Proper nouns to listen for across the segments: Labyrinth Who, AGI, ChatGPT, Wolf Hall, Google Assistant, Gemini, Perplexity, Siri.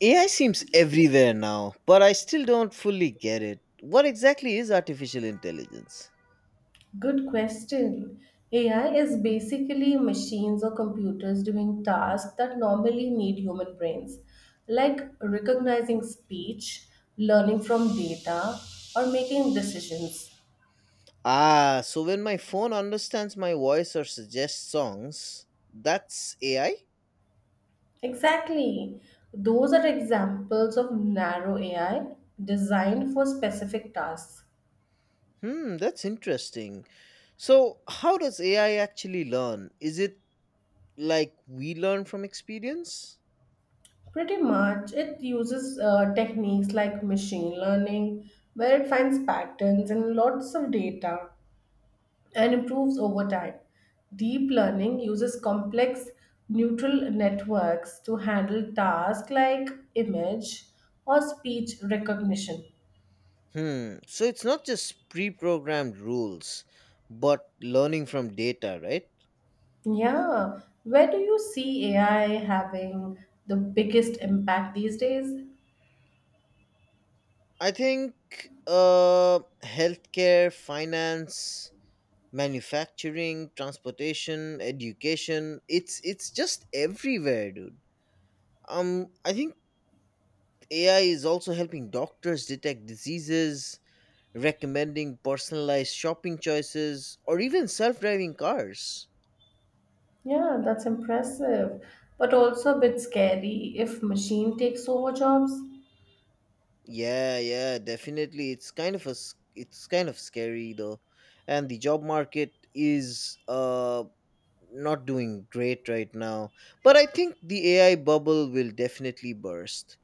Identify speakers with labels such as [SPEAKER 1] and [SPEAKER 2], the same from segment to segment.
[SPEAKER 1] AI seems everywhere now, but I still don't fully get it. What exactly is artificial intelligence?
[SPEAKER 2] Good question. AI is basically machines or computers doing tasks that normally need human brains, like recognizing speech, learning from data, or making decisions.
[SPEAKER 1] Ah, so when my phone understands my voice or suggests songs, that's AI?
[SPEAKER 2] Exactly. Those are examples of narrow AI designed for specific tasks.
[SPEAKER 1] Hmm, that's interesting. So, how does AI actually learn? Is it like we learn from experience?
[SPEAKER 2] Pretty much, it uses techniques like machine learning, where it finds patterns in lots of data and improves over time. Deep learning uses complex neural networks to handle tasks like image or speech recognition.
[SPEAKER 1] Hmm, so it's not just pre programmed rules, but learning from data, right?
[SPEAKER 2] Yeah, where do you see AI having the biggest impact these days?
[SPEAKER 1] I think healthcare, finance, manufacturing, transportation, education, it's just everywhere, dude. Um, I think ai is also helping doctors detect diseases, recommending personalized shopping choices, or even self-driving cars.
[SPEAKER 2] Yeah, that's impressive, but also a bit scary if machine takes over jobs.
[SPEAKER 1] Yeah, yeah, definitely, it's kind of scary though. And the job market is not doing great right now, but I think the ai bubble will definitely burst.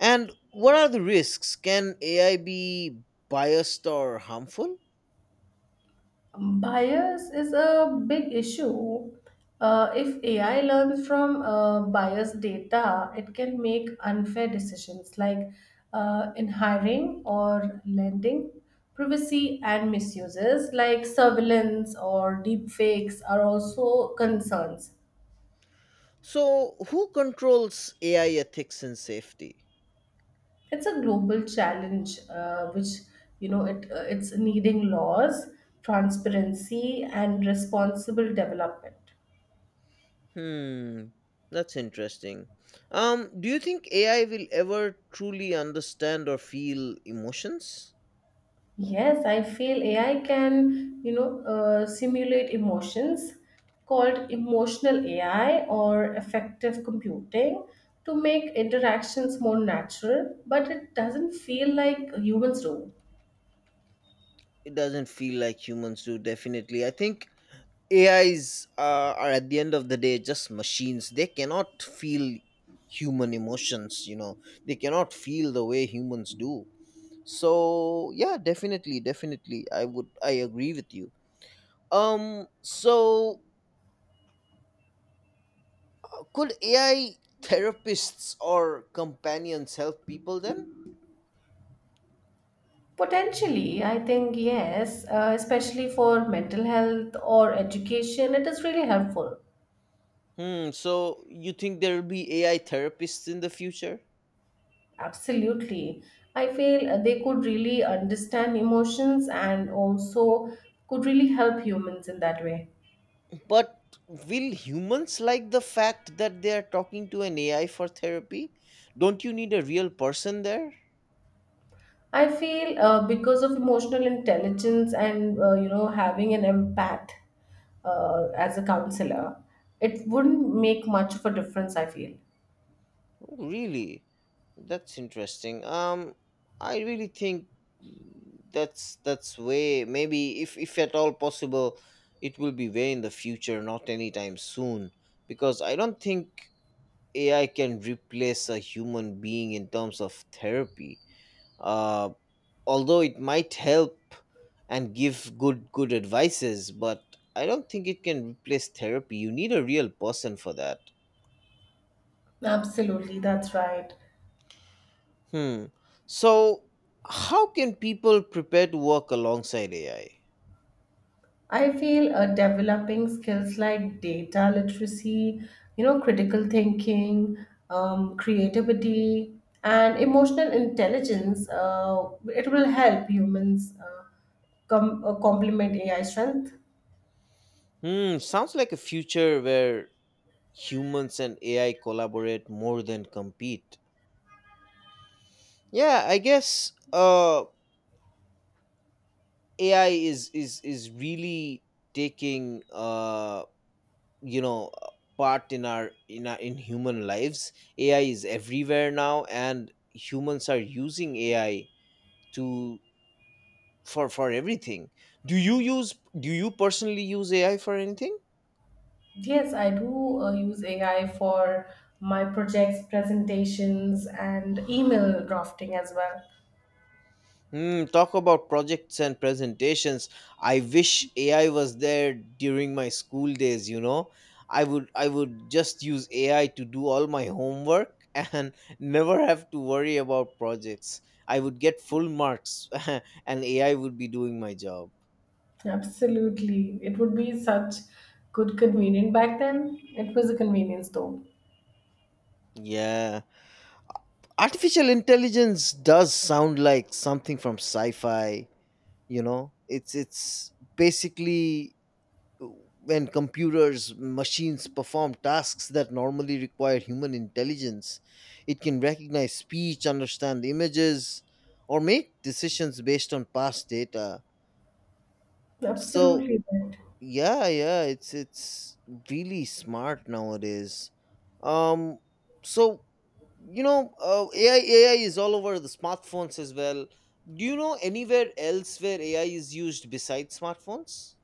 [SPEAKER 1] And what are the risks? Can AI be biased or harmful?
[SPEAKER 2] Bias is a big issue. If AI learns from biased data, it can make unfair decisions like in hiring or lending. Privacy and misuses like surveillance or deepfakes are also concerns.
[SPEAKER 1] So, who controls AI ethics and safety?
[SPEAKER 2] It's a global challenge, which, it's needing laws, transparency, and responsible development.
[SPEAKER 1] Hmm, that's interesting. Do you think AI will ever truly understand or feel emotions?
[SPEAKER 2] Yes, I feel AI can, simulate emotions called emotional AI or effective computing to make interactions more natural, but it doesn't feel like humans do.
[SPEAKER 1] It doesn't feel like humans do, definitely. I think AIs are at the end of the day just machines. They cannot feel human emotions, they cannot feel the way humans do. So, yeah, definitely, definitely. I agree with you. So could AI therapists or companions help people then?
[SPEAKER 2] Potentially, I think yes, especially for mental health or education, it is really helpful.
[SPEAKER 1] Hmm, so you think there will be AI therapists in the future?
[SPEAKER 2] Absolutely. I feel they could really understand emotions and also could really help humans in that way.
[SPEAKER 1] But will humans like the fact that they are talking to an AI for therapy? Don't you need a real person there?
[SPEAKER 2] I feel because of emotional intelligence and having an empath as a counselor, it wouldn't make much of a difference. I feel
[SPEAKER 1] Oh, really? That's interesting. I really think that's way, maybe if at all possible, it will be way in the future, not anytime soon. Because I don't think AI can replace a human being in terms of therapy. Uh, Although it might help and give good advices, but I don't think it can replace therapy. You need a real person for that.
[SPEAKER 2] absolutely that's right.
[SPEAKER 1] Hmm. So, how can people prepare to work alongside ai?
[SPEAKER 2] I feel developing skills like data literacy, critical thinking, creativity, and emotional intelligence. It will help humans complement AI strength.
[SPEAKER 1] Hmm, sounds like a future where humans and ai collaborate more than compete. Yeah, I guess ai is really taking you know uh, part in our in our in human lives. Ai is everywhere now, and humans are using ai to, for everything. do you use do you personally use ai for anything?
[SPEAKER 2] Yes, I do use AI for my projects, presentations, and email drafting as well.
[SPEAKER 1] Hmm, talk about projects and presentations. I wish AI was there during my school days, you know. I would just use AI to do all my homework and never have to worry about projects. I would get full marks and AI would be doing my job.
[SPEAKER 2] Absolutely. It would be such good convenient. Back then, it was a convenience though.
[SPEAKER 1] Yeah. Artificial intelligence does sound like something from sci-fi, you know. It's basically when computers, machines perform tasks that normally require human intelligence. It can recognize speech, understand images, or make decisions based on past data. So,
[SPEAKER 2] Absolutely right.
[SPEAKER 1] yeah, yeah, it's really smart nowadays. um so ai ai is all over the smartphones as well. Do you know anywhere else where ai is used besides smartphones?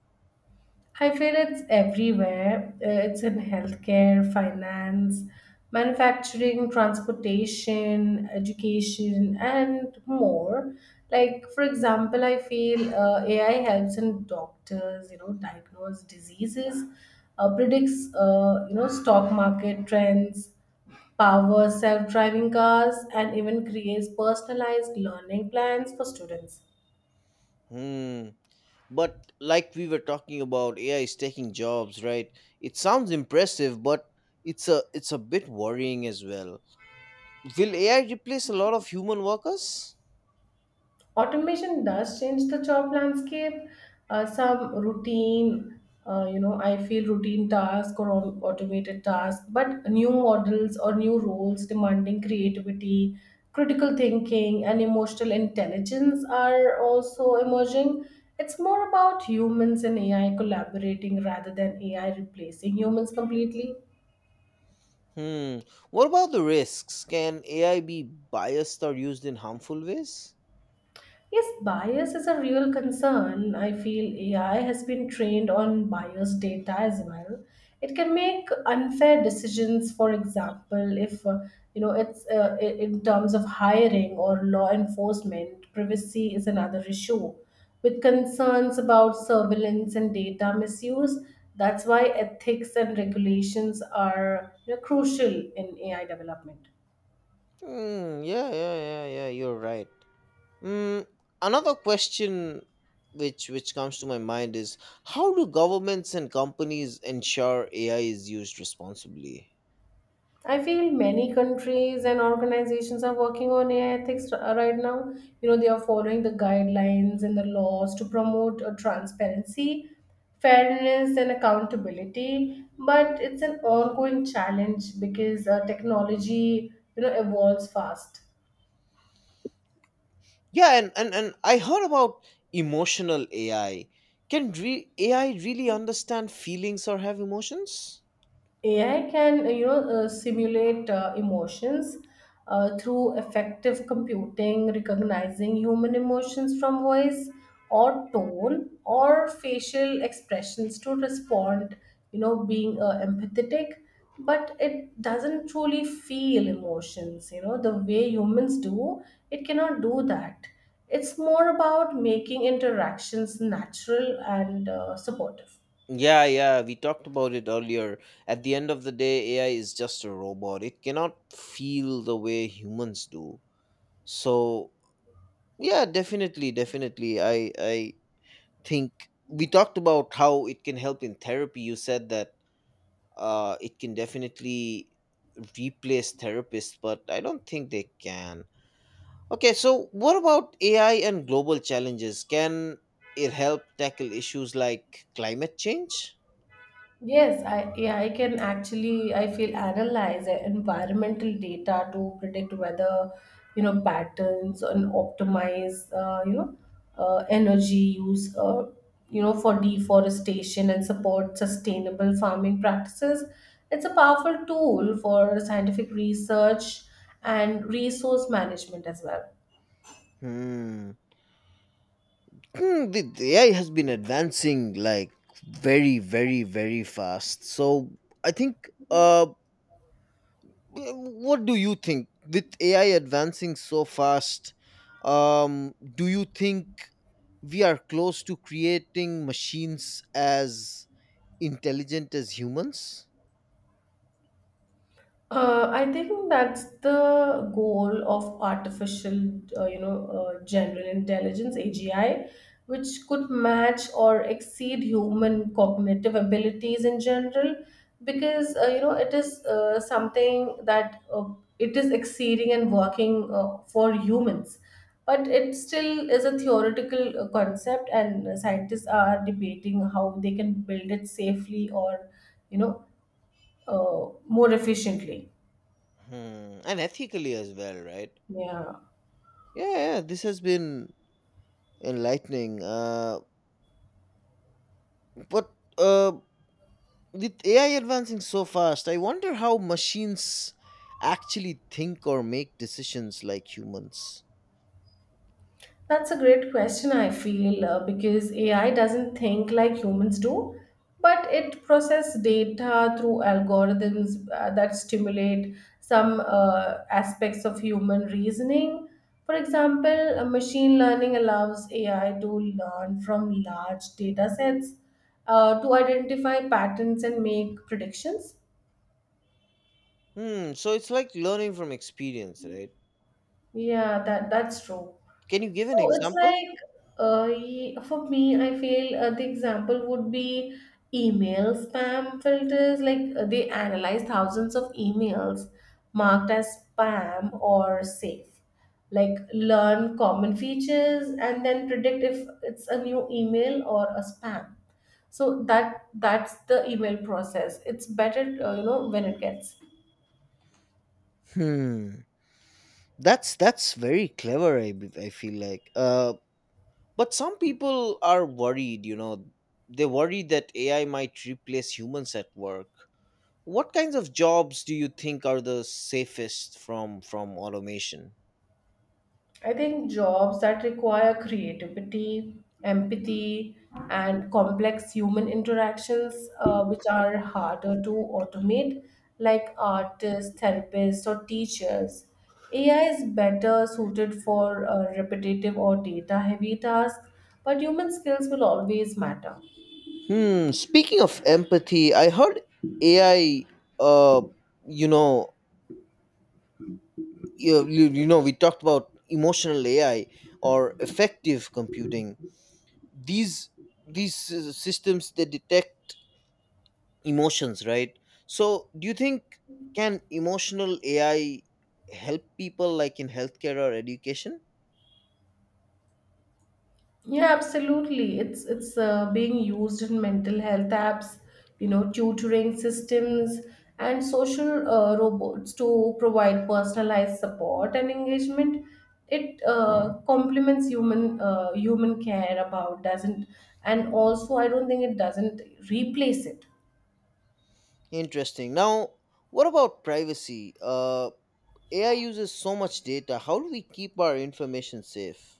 [SPEAKER 2] I feel it's everywhere. It's in healthcare, finance, manufacturing, transportation, education, and more. Like, for example, I feel AI helps in doctors, diagnose diseases, predicts, stock market trends, power self driving cars, and even creates personalized learning plans for students.
[SPEAKER 1] Hmm. But like we were talking about, AI is taking jobs, right? It sounds impressive, but it's a bit worrying as well. Will AI replace a lot of human workers?
[SPEAKER 2] Automation does change the job landscape. Some routine, I feel routine task or automated task, but new models or new roles demanding creativity, critical thinking, and emotional intelligence are also emerging. It's more about humans and AI collaborating rather than AI replacing humans completely.
[SPEAKER 1] Hmm. What about the risks? Can AI be biased or used in harmful ways?
[SPEAKER 2] Yes, bias is a real concern. I feel AI has been trained on biased data as well. It can make unfair decisions, for example, if in terms of hiring or law enforcement. Privacy is another issue with concerns about surveillance and data misuse. That's why ethics and regulations are, crucial in AI development.
[SPEAKER 1] Hmm. Yeah, yeah, yeah, yeah. You're right. Hmm. Another question which comes to my mind is, how do governments and companies ensure AI is used responsibly?
[SPEAKER 2] I feel many countries and organizations are working on AI ethics right now. You know, they are following the guidelines and the laws to promote transparency, fairness, and accountability. But it's an ongoing challenge because technology, evolves fast.
[SPEAKER 1] Yeah, and I heard about emotional AI. AI really understand feelings or have emotions?
[SPEAKER 2] AI can, simulate emotions through effective computing, recognizing human emotions from voice or tone or facial expressions to respond, being empathetic. But it doesn't truly feel emotions, the way humans do. It cannot do that. It's more about making interactions natural and supportive.
[SPEAKER 1] Yeah, yeah, we talked about it earlier. At the end of the day, AI is just a robot. It cannot feel the way humans do. So, yeah, definitely, definitely. I think we talked about how it can help in therapy. You said that it can definitely replace therapists, but I don't think they can. Okay, so what about AI and global challenges? Can it help tackle issues like climate change?
[SPEAKER 2] Yes, I yeah, I can actually I feel analyze the environmental data to predict whether patterns and optimize energy use for deforestation and support sustainable farming practices. It's a powerful tool for scientific research and resource management as well.
[SPEAKER 1] Hmm. Hmm, the AI has been advancing like very, very, very fast. So I think, what do you think with AI advancing so fast? Do you think we are close to creating machines as intelligent as humans?
[SPEAKER 2] I think that's the goal of artificial, general intelligence (AGI), which could match or exceed human cognitive abilities in general, because it is something that it is exceeding and working for humans, but it still is a theoretical concept, and scientists are debating how they can build it safely or, you know, uh, more efficiently.
[SPEAKER 1] Hmm. And ethically as well, right?
[SPEAKER 2] Yeah,
[SPEAKER 1] Yeah, yeah, this has been enlightening. But uh, with AI advancing so fast, I wonder how machines actually think or make decisions like humans.
[SPEAKER 2] that's a great question, I feel, because AI doesn't think like humans do, but it process data through algorithms that stimulate some aspects of human reasoning. For example, machine learning allows AI to learn from large data sets to identify patterns and make predictions.
[SPEAKER 1] Hmm, so it's like learning from experience, right?
[SPEAKER 2] Yeah, that's true.
[SPEAKER 1] Can you give an
[SPEAKER 2] So it's
[SPEAKER 1] example?
[SPEAKER 2] like, for me, I feel the example would be email spam filters. Like they analyze thousands of emails marked as spam or safe. Like learn common features and then predict if it's a new email or a spam. So that's the email process. It's better, when it gets
[SPEAKER 1] Hmm, that's very clever. I b- I feel like. But some people are worried. You know, they worry that AI might replace humans at work. What kinds of jobs do you think are the safest from automation?
[SPEAKER 2] I think jobs that require creativity, empathy, and complex human interactions, which are harder to automate, like artists, therapists, or teachers. AI is better suited for repetitive or data heavy tasks, but human skills will always matter.
[SPEAKER 1] Hmm. Speaking of empathy, I heard AI. Uh, you know, you know, we talked about emotional AI or effective computing. These these systems that detect emotions, right? So, do you think, can emotional AI help people like in healthcare or education?
[SPEAKER 2] Yeah, absolutely. It's being used in mental health apps, tutoring systems, and social robots to provide personalized support and engagement. It complements human care about doesn't, and also I don't think it doesn't replace it.
[SPEAKER 1] Interesting. Now, what about privacy? AI uses so much data. How do we keep our information safe?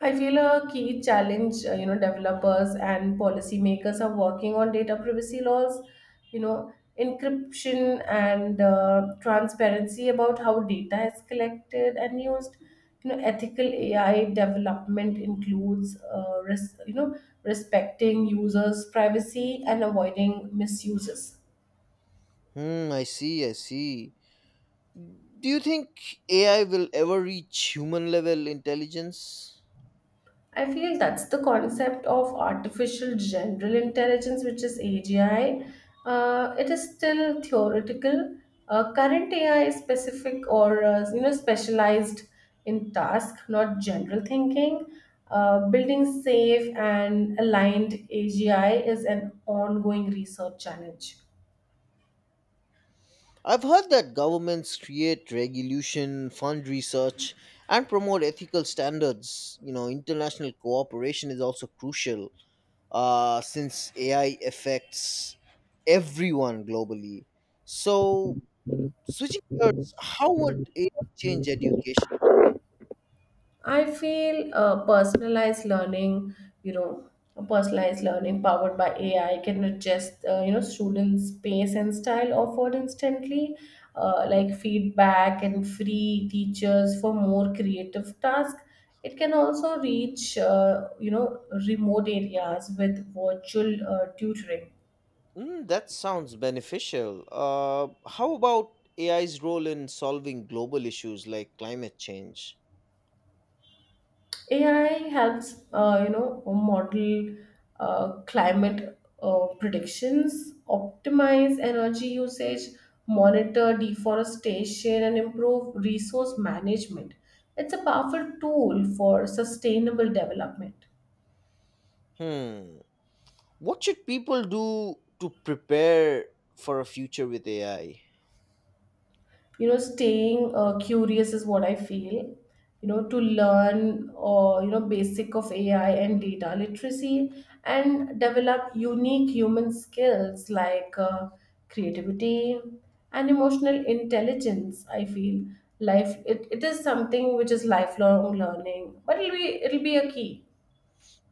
[SPEAKER 2] I feel a key challenge, developers and policymakers are working on data privacy laws, you know, encryption and transparency about how data is collected and used. You know, ethical AI development includes, respecting users' privacy and avoiding misuses.
[SPEAKER 1] Hmm, I see, I see. Do you think AI will ever reach human level intelligence?
[SPEAKER 2] I feel like that's the concept of artificial general intelligence, which is AGI. It is still theoretical. Current AI is specific or specialized in task, not general thinking. Building safe and aligned AGI is an ongoing research challenge.
[SPEAKER 1] I've heard that governments create regulation, fund research, and promote ethical standards. You know, international cooperation is also crucial, since AI affects everyone globally. So, switching gears, how would AI change education?
[SPEAKER 2] I feel personalized learning, you know, personalized learning, powered by AI can adjust, students' pace and style offered instantly, like feedback and free teachers for more creative tasks. It can also reach, remote areas with virtual tutoring.
[SPEAKER 1] Mm, that sounds beneficial. How about AI's role in solving global issues like climate change?
[SPEAKER 2] AI helps, model climate predictions, optimize energy usage, monitor deforestation, and improve resource management. It's a powerful tool for sustainable development.
[SPEAKER 1] Hmm. What should people do to prepare for a future with AI?
[SPEAKER 2] You know, staying curious is what I feel, to learn or basic of AI and data literacy, and develop unique human skills like creativity and emotional intelligence. I feel life it is something which is lifelong learning, but it'll be a key.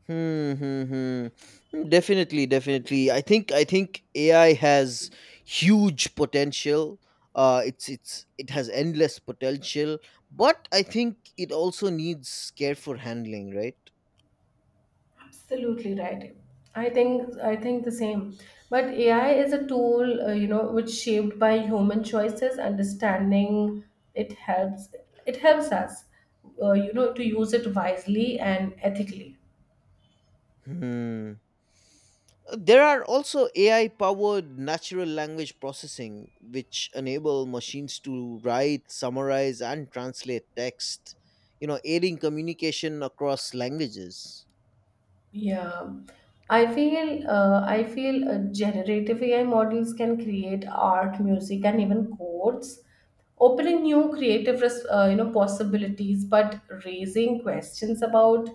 [SPEAKER 1] Hmm, hmm, hmm. Hmm, definitely, definitely. I think AI has huge potential. It's it has endless potential, but I think it also needs careful handling, right?
[SPEAKER 2] Absolutely right. I think the same. But AI is a tool, which shaped by human choices. Understanding it helps it helps us, to use it wisely and ethically.
[SPEAKER 1] Hmm. There are also AI powered natural language processing, which enable machines to write, summarize, and translate text, you know, aiding communication across languages.
[SPEAKER 2] Yeah, I feel generative AI models can create art, music, and even codes, opening new creative possibilities, but raising questions about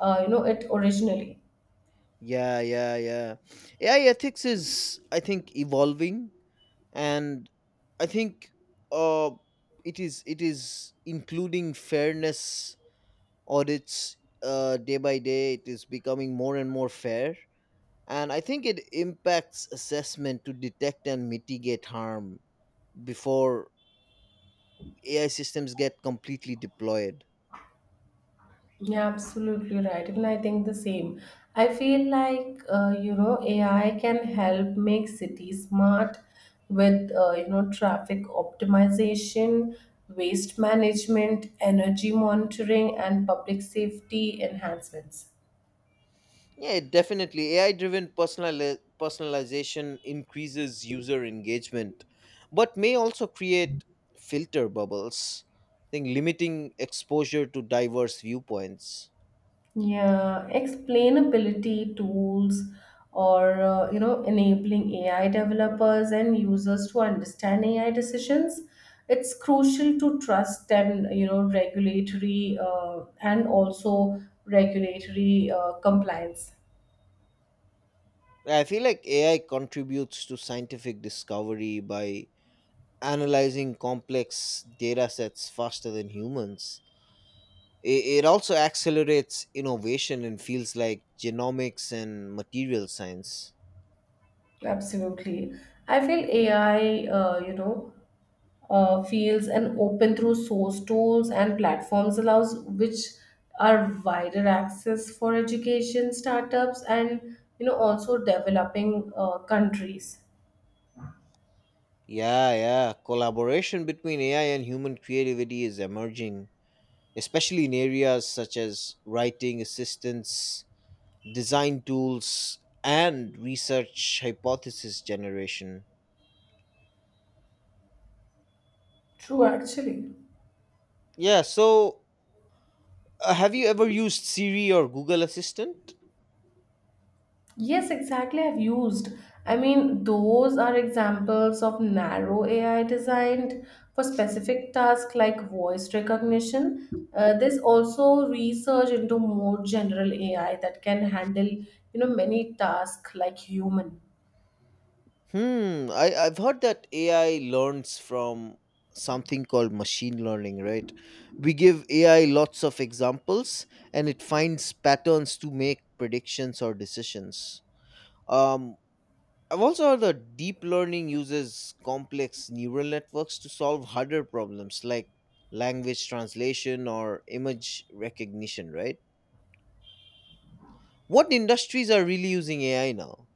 [SPEAKER 2] it originally.
[SPEAKER 1] Yeah, yeah, yeah. AI ethics is, I think, evolving, and I think uh, it is including fairness audits day by day. It is becoming more and more fair. And I think it impacts assessment to detect and mitigate harm before AI systems get completely deployed.
[SPEAKER 2] Yeah, absolutely right. Even I think the same. I feel like AI can help make cities smart with traffic optimization, waste management, energy monitoring, and public safety enhancements.
[SPEAKER 1] Yeah, definitely. Personalization increases user engagement, but may also create filter bubbles, I think, limiting exposure to diverse viewpoints.
[SPEAKER 2] Yeah, explainability tools or enabling AI developers and users to understand AI decisions. It's crucial to trust and, regulatory and also regulatory compliance.
[SPEAKER 1] I feel like AI contributes to scientific discovery by analyzing complex data sets faster than humans. It also accelerates innovation in fields like genomics and material science.
[SPEAKER 2] Absolutely, I feel AI fields and open through source tools and platforms allows which are wider access for education startups and, also developing countries.
[SPEAKER 1] Yeah, yeah. Collaboration between AI and human creativity is emerging, especially in areas such as writing assistance, design tools, and research hypothesis generation.
[SPEAKER 2] True, actually.
[SPEAKER 1] Yeah, so have you ever used Siri or Google Assistant?
[SPEAKER 2] Yes, exactly. I've used I mean, those are examples of narrow AI designed for specific tasks like voice recognition. There's also research into more general AI that can handle, many tasks like human.
[SPEAKER 1] Hmm, I've heard that AI learns from something called machine learning, right? We give AI lots of examples and it finds patterns to make predictions or decisions. Um, I've also heard that deep learning uses complex neural networks to solve harder problems like language translation or image recognition, right? What industries are really using AI now?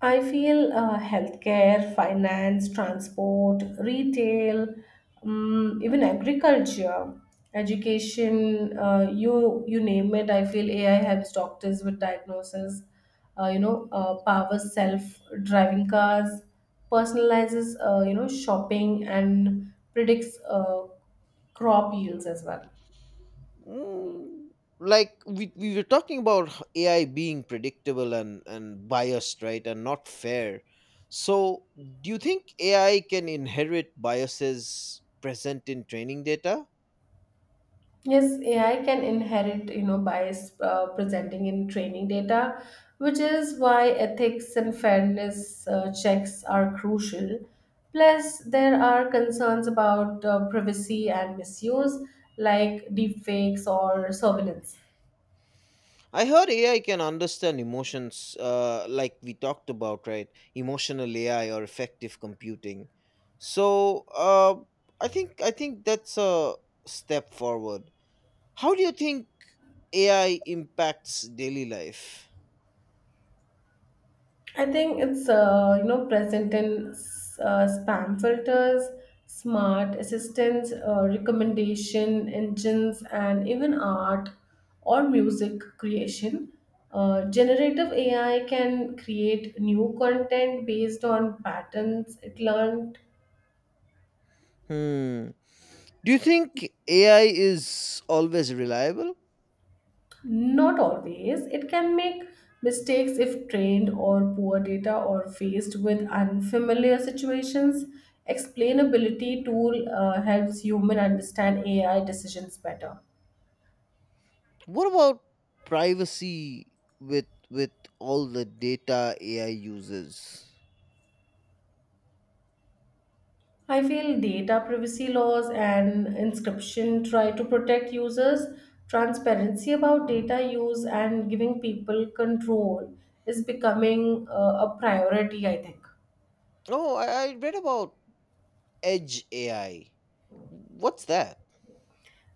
[SPEAKER 2] I feel healthcare, finance, transport, retail, even agriculture, education, you name it. I feel AI helps doctors with diagnosis. Powers self-driving cars, personalizes shopping, and predicts crop yields as well.
[SPEAKER 1] Mm, like we were talking about, ai being predictable and biased, right, and not fair. So do you think ai can inherit biases present in training data?
[SPEAKER 2] Yes, AI can inherit, bias presenting in training data, which is why ethics and fairness checks are crucial. Plus, there are concerns about privacy and misuse, like deepfakes or surveillance.
[SPEAKER 1] I heard AI can understand emotions, like we talked about, right? Emotional AI or effective computing. So I think that's a step forward. How do you think AI impacts daily life?
[SPEAKER 2] I think it's present in spam filters, smart assistants, recommendation engines, and even art or music creation. Generative AI can create new content based on patterns it learned.
[SPEAKER 1] Hmm. Do you think AI is always reliable?
[SPEAKER 2] Not always. It can make mistakes if trained or poor data or faced with unfamiliar situations. Explainability tool helps human understand AI decisions better.
[SPEAKER 1] What about privacy with all the data AI uses?
[SPEAKER 2] I feel data privacy laws and inscription try to protect users. Transparency about data use and giving people control is becoming a priority, I think.
[SPEAKER 1] Oh, I read about edge AI. What's that?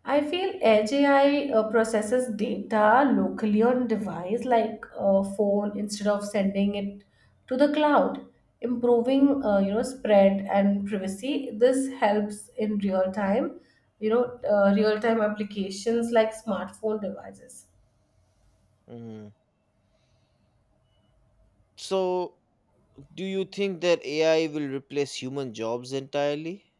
[SPEAKER 2] I feel Edge AI processes data locally on device like a phone instead of sending it to the cloud, improving spread and privacy. This helps in you know, real time applications like smartphone devices.
[SPEAKER 1] Mm. So, do you think that AI will replace human jobs entirely?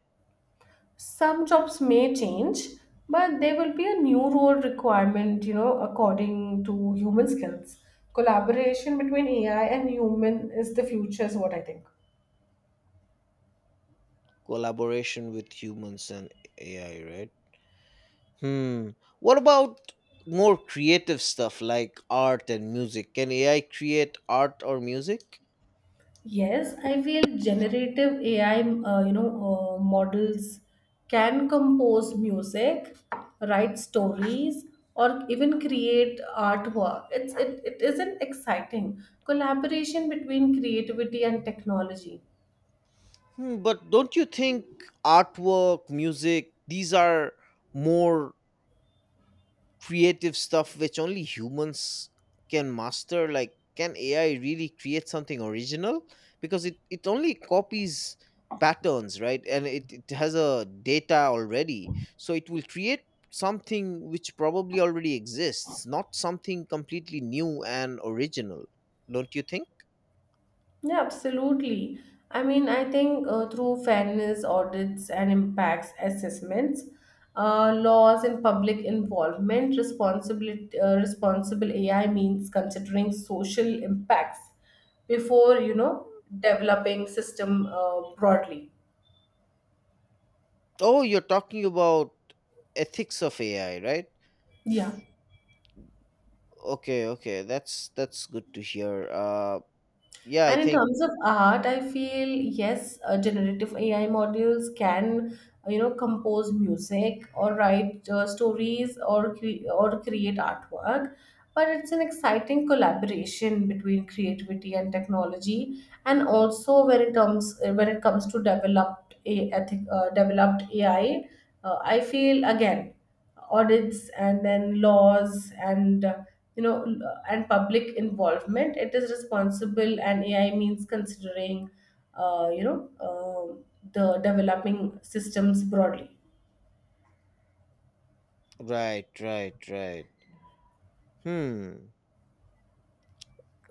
[SPEAKER 2] Some jobs may change, but there will be a new role requirement, according to human skills. Collaboration between AI and human is the future, is what I think.
[SPEAKER 1] Collaboration with humans and AI, right? Hmm. What about more creative stuff like art and music? Can AI create art or music?
[SPEAKER 2] Yes, I feel generative AI, models can compose music, write stories, or even create artwork. It isn't exciting collaboration between creativity and technology.
[SPEAKER 1] Hmm, but don't you think artwork, music, these are more creative stuff which only humans can master. Like, can ai really create something original? Because it only copies patterns, right, and it has a data already, so it will create something which probably already exists, not something completely new and original. Don't you think?
[SPEAKER 2] Yeah, absolutely. I mean, I think through fairness audits and impacts assessments, laws and public involvement, responsible AI means considering social impacts before, developing system broadly.
[SPEAKER 1] Oh, you're talking about ethics of ai, right?
[SPEAKER 2] Yeah.
[SPEAKER 1] F- okay, okay, that's good to hear. Yeah I
[SPEAKER 2] And in
[SPEAKER 1] think
[SPEAKER 2] terms of art, I feel yes, generative AI modules can, compose music or write stories or create artwork. But it's an exciting collaboration between creativity and technology, and also when it comes to developed a ethic, developed AI, I feel again audits and then laws, and you know l- and public involvement. It is responsible, and AI means considering uh, you know uh, the developing systems broadly.
[SPEAKER 1] Right, right, right. Hmm.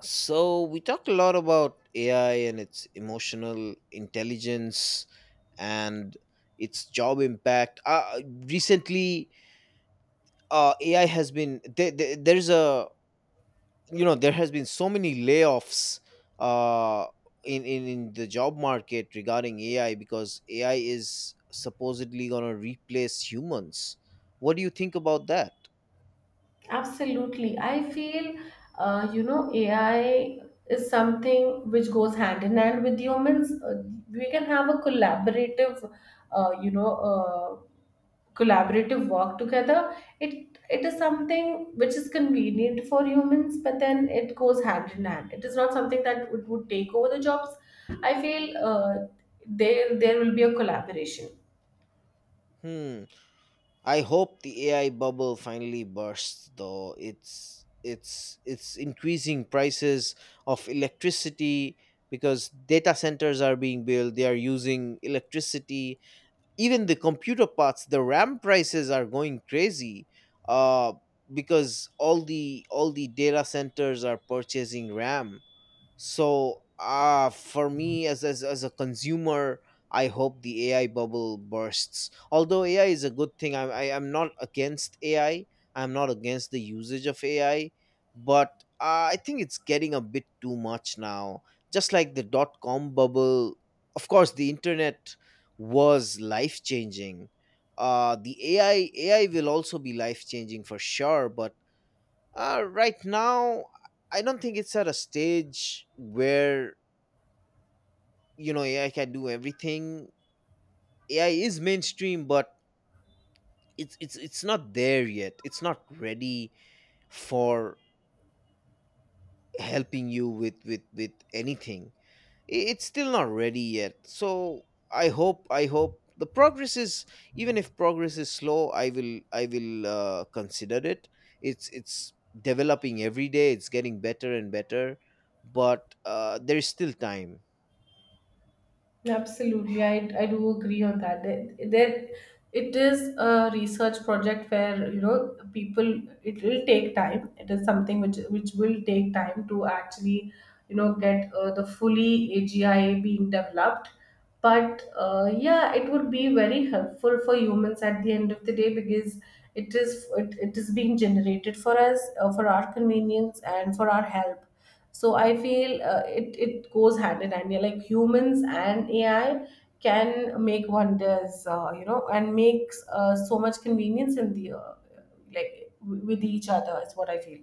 [SPEAKER 1] So we talked a lot about AI and its emotional intelligence and its job impact. Recently, AI has been There's a, you know, there has been so many layoffs uh, in the job market regarding AI, because AI is supposedly gonna replace humans. What do you think about that?
[SPEAKER 2] Absolutely I feel AI is something which goes hand in hand with humans. We can have a collaborative, uh, you know work together. It is something which is convenient for humans, but then it goes hand in hand. It is not something that would take over the jobs. I feel there will be a collaboration.
[SPEAKER 1] Hmm. I hope the AI bubble finally bursts though. It's increasing prices of electricity because data centers are being built, they are using electricity. Even the computer parts, the RAM prices are going crazy. Uh because all the data centers are purchasing RAM. So, for me as, as a consumer, I hope the AI bubble bursts. Although AI is a good thing, I am not against AI. I'm not against the usage of AI, but I think it's getting a bit too much now. Just like dot-com bubble, of course, the internet was life changing. The AI will also be life changing for sure, but right now, I don't think it's at a stage where you know AI can do everything. AI is mainstream, but it's not there yet. It's not ready for helping you with anything. It's still not ready yet. So I hope, I hope the progress is, even if progress is slow, I will consider it. It's developing every day, it's getting better and better, but there is still time.
[SPEAKER 2] Absolutely, I do agree on that. There, it is a research project where, people. It will take time. It is something which will take time to actually, get the fully AGI being developed. But yeah, it would be very helpful for humans at the end of the day, because it is it is being generated for us for our convenience and for our help. So I feel it goes hand in hand. We, like, humans and AI can make wonders, and makes so much convenience in the, like with each other, is what I feel.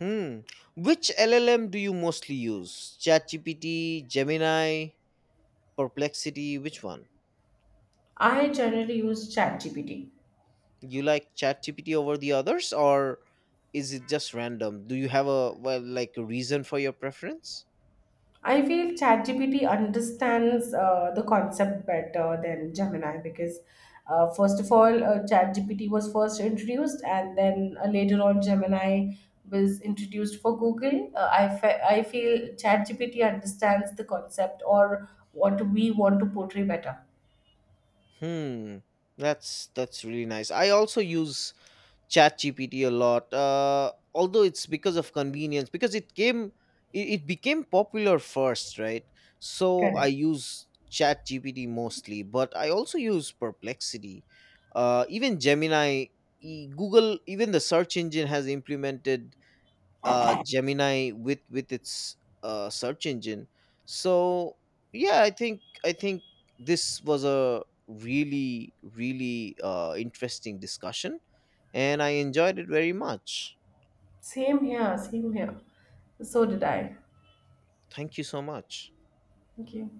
[SPEAKER 1] Hmm. Which llm do you mostly use? ChatGPT, Gemini, Perplexity, which one?
[SPEAKER 2] I generally use ChatGPT.
[SPEAKER 1] You like ChatGPT over the others, or is it just random? Do you have a a reason for your preference?
[SPEAKER 2] I feel ChatGPT understands the concept better than Gemini, because, first of all, ChatGPT was first introduced, and then later on, Gemini was introduced for Google. I feel ChatGPT understands the concept or what we want to portray better.
[SPEAKER 1] Hmm. That's really nice. I also use ChatGPT a lot, although it's because of convenience, because it became popular first, right? So I
[SPEAKER 2] Correct.
[SPEAKER 1] use ChatGPT mostly, but I also use Perplexity, even Gemini. Google, even the search engine, has implemented Gemini with its search engine. So yeah, I think this was a really interesting discussion, and I enjoyed it very much.
[SPEAKER 2] Same here, same here. So did I.
[SPEAKER 1] Thank you so much.
[SPEAKER 2] Thank you.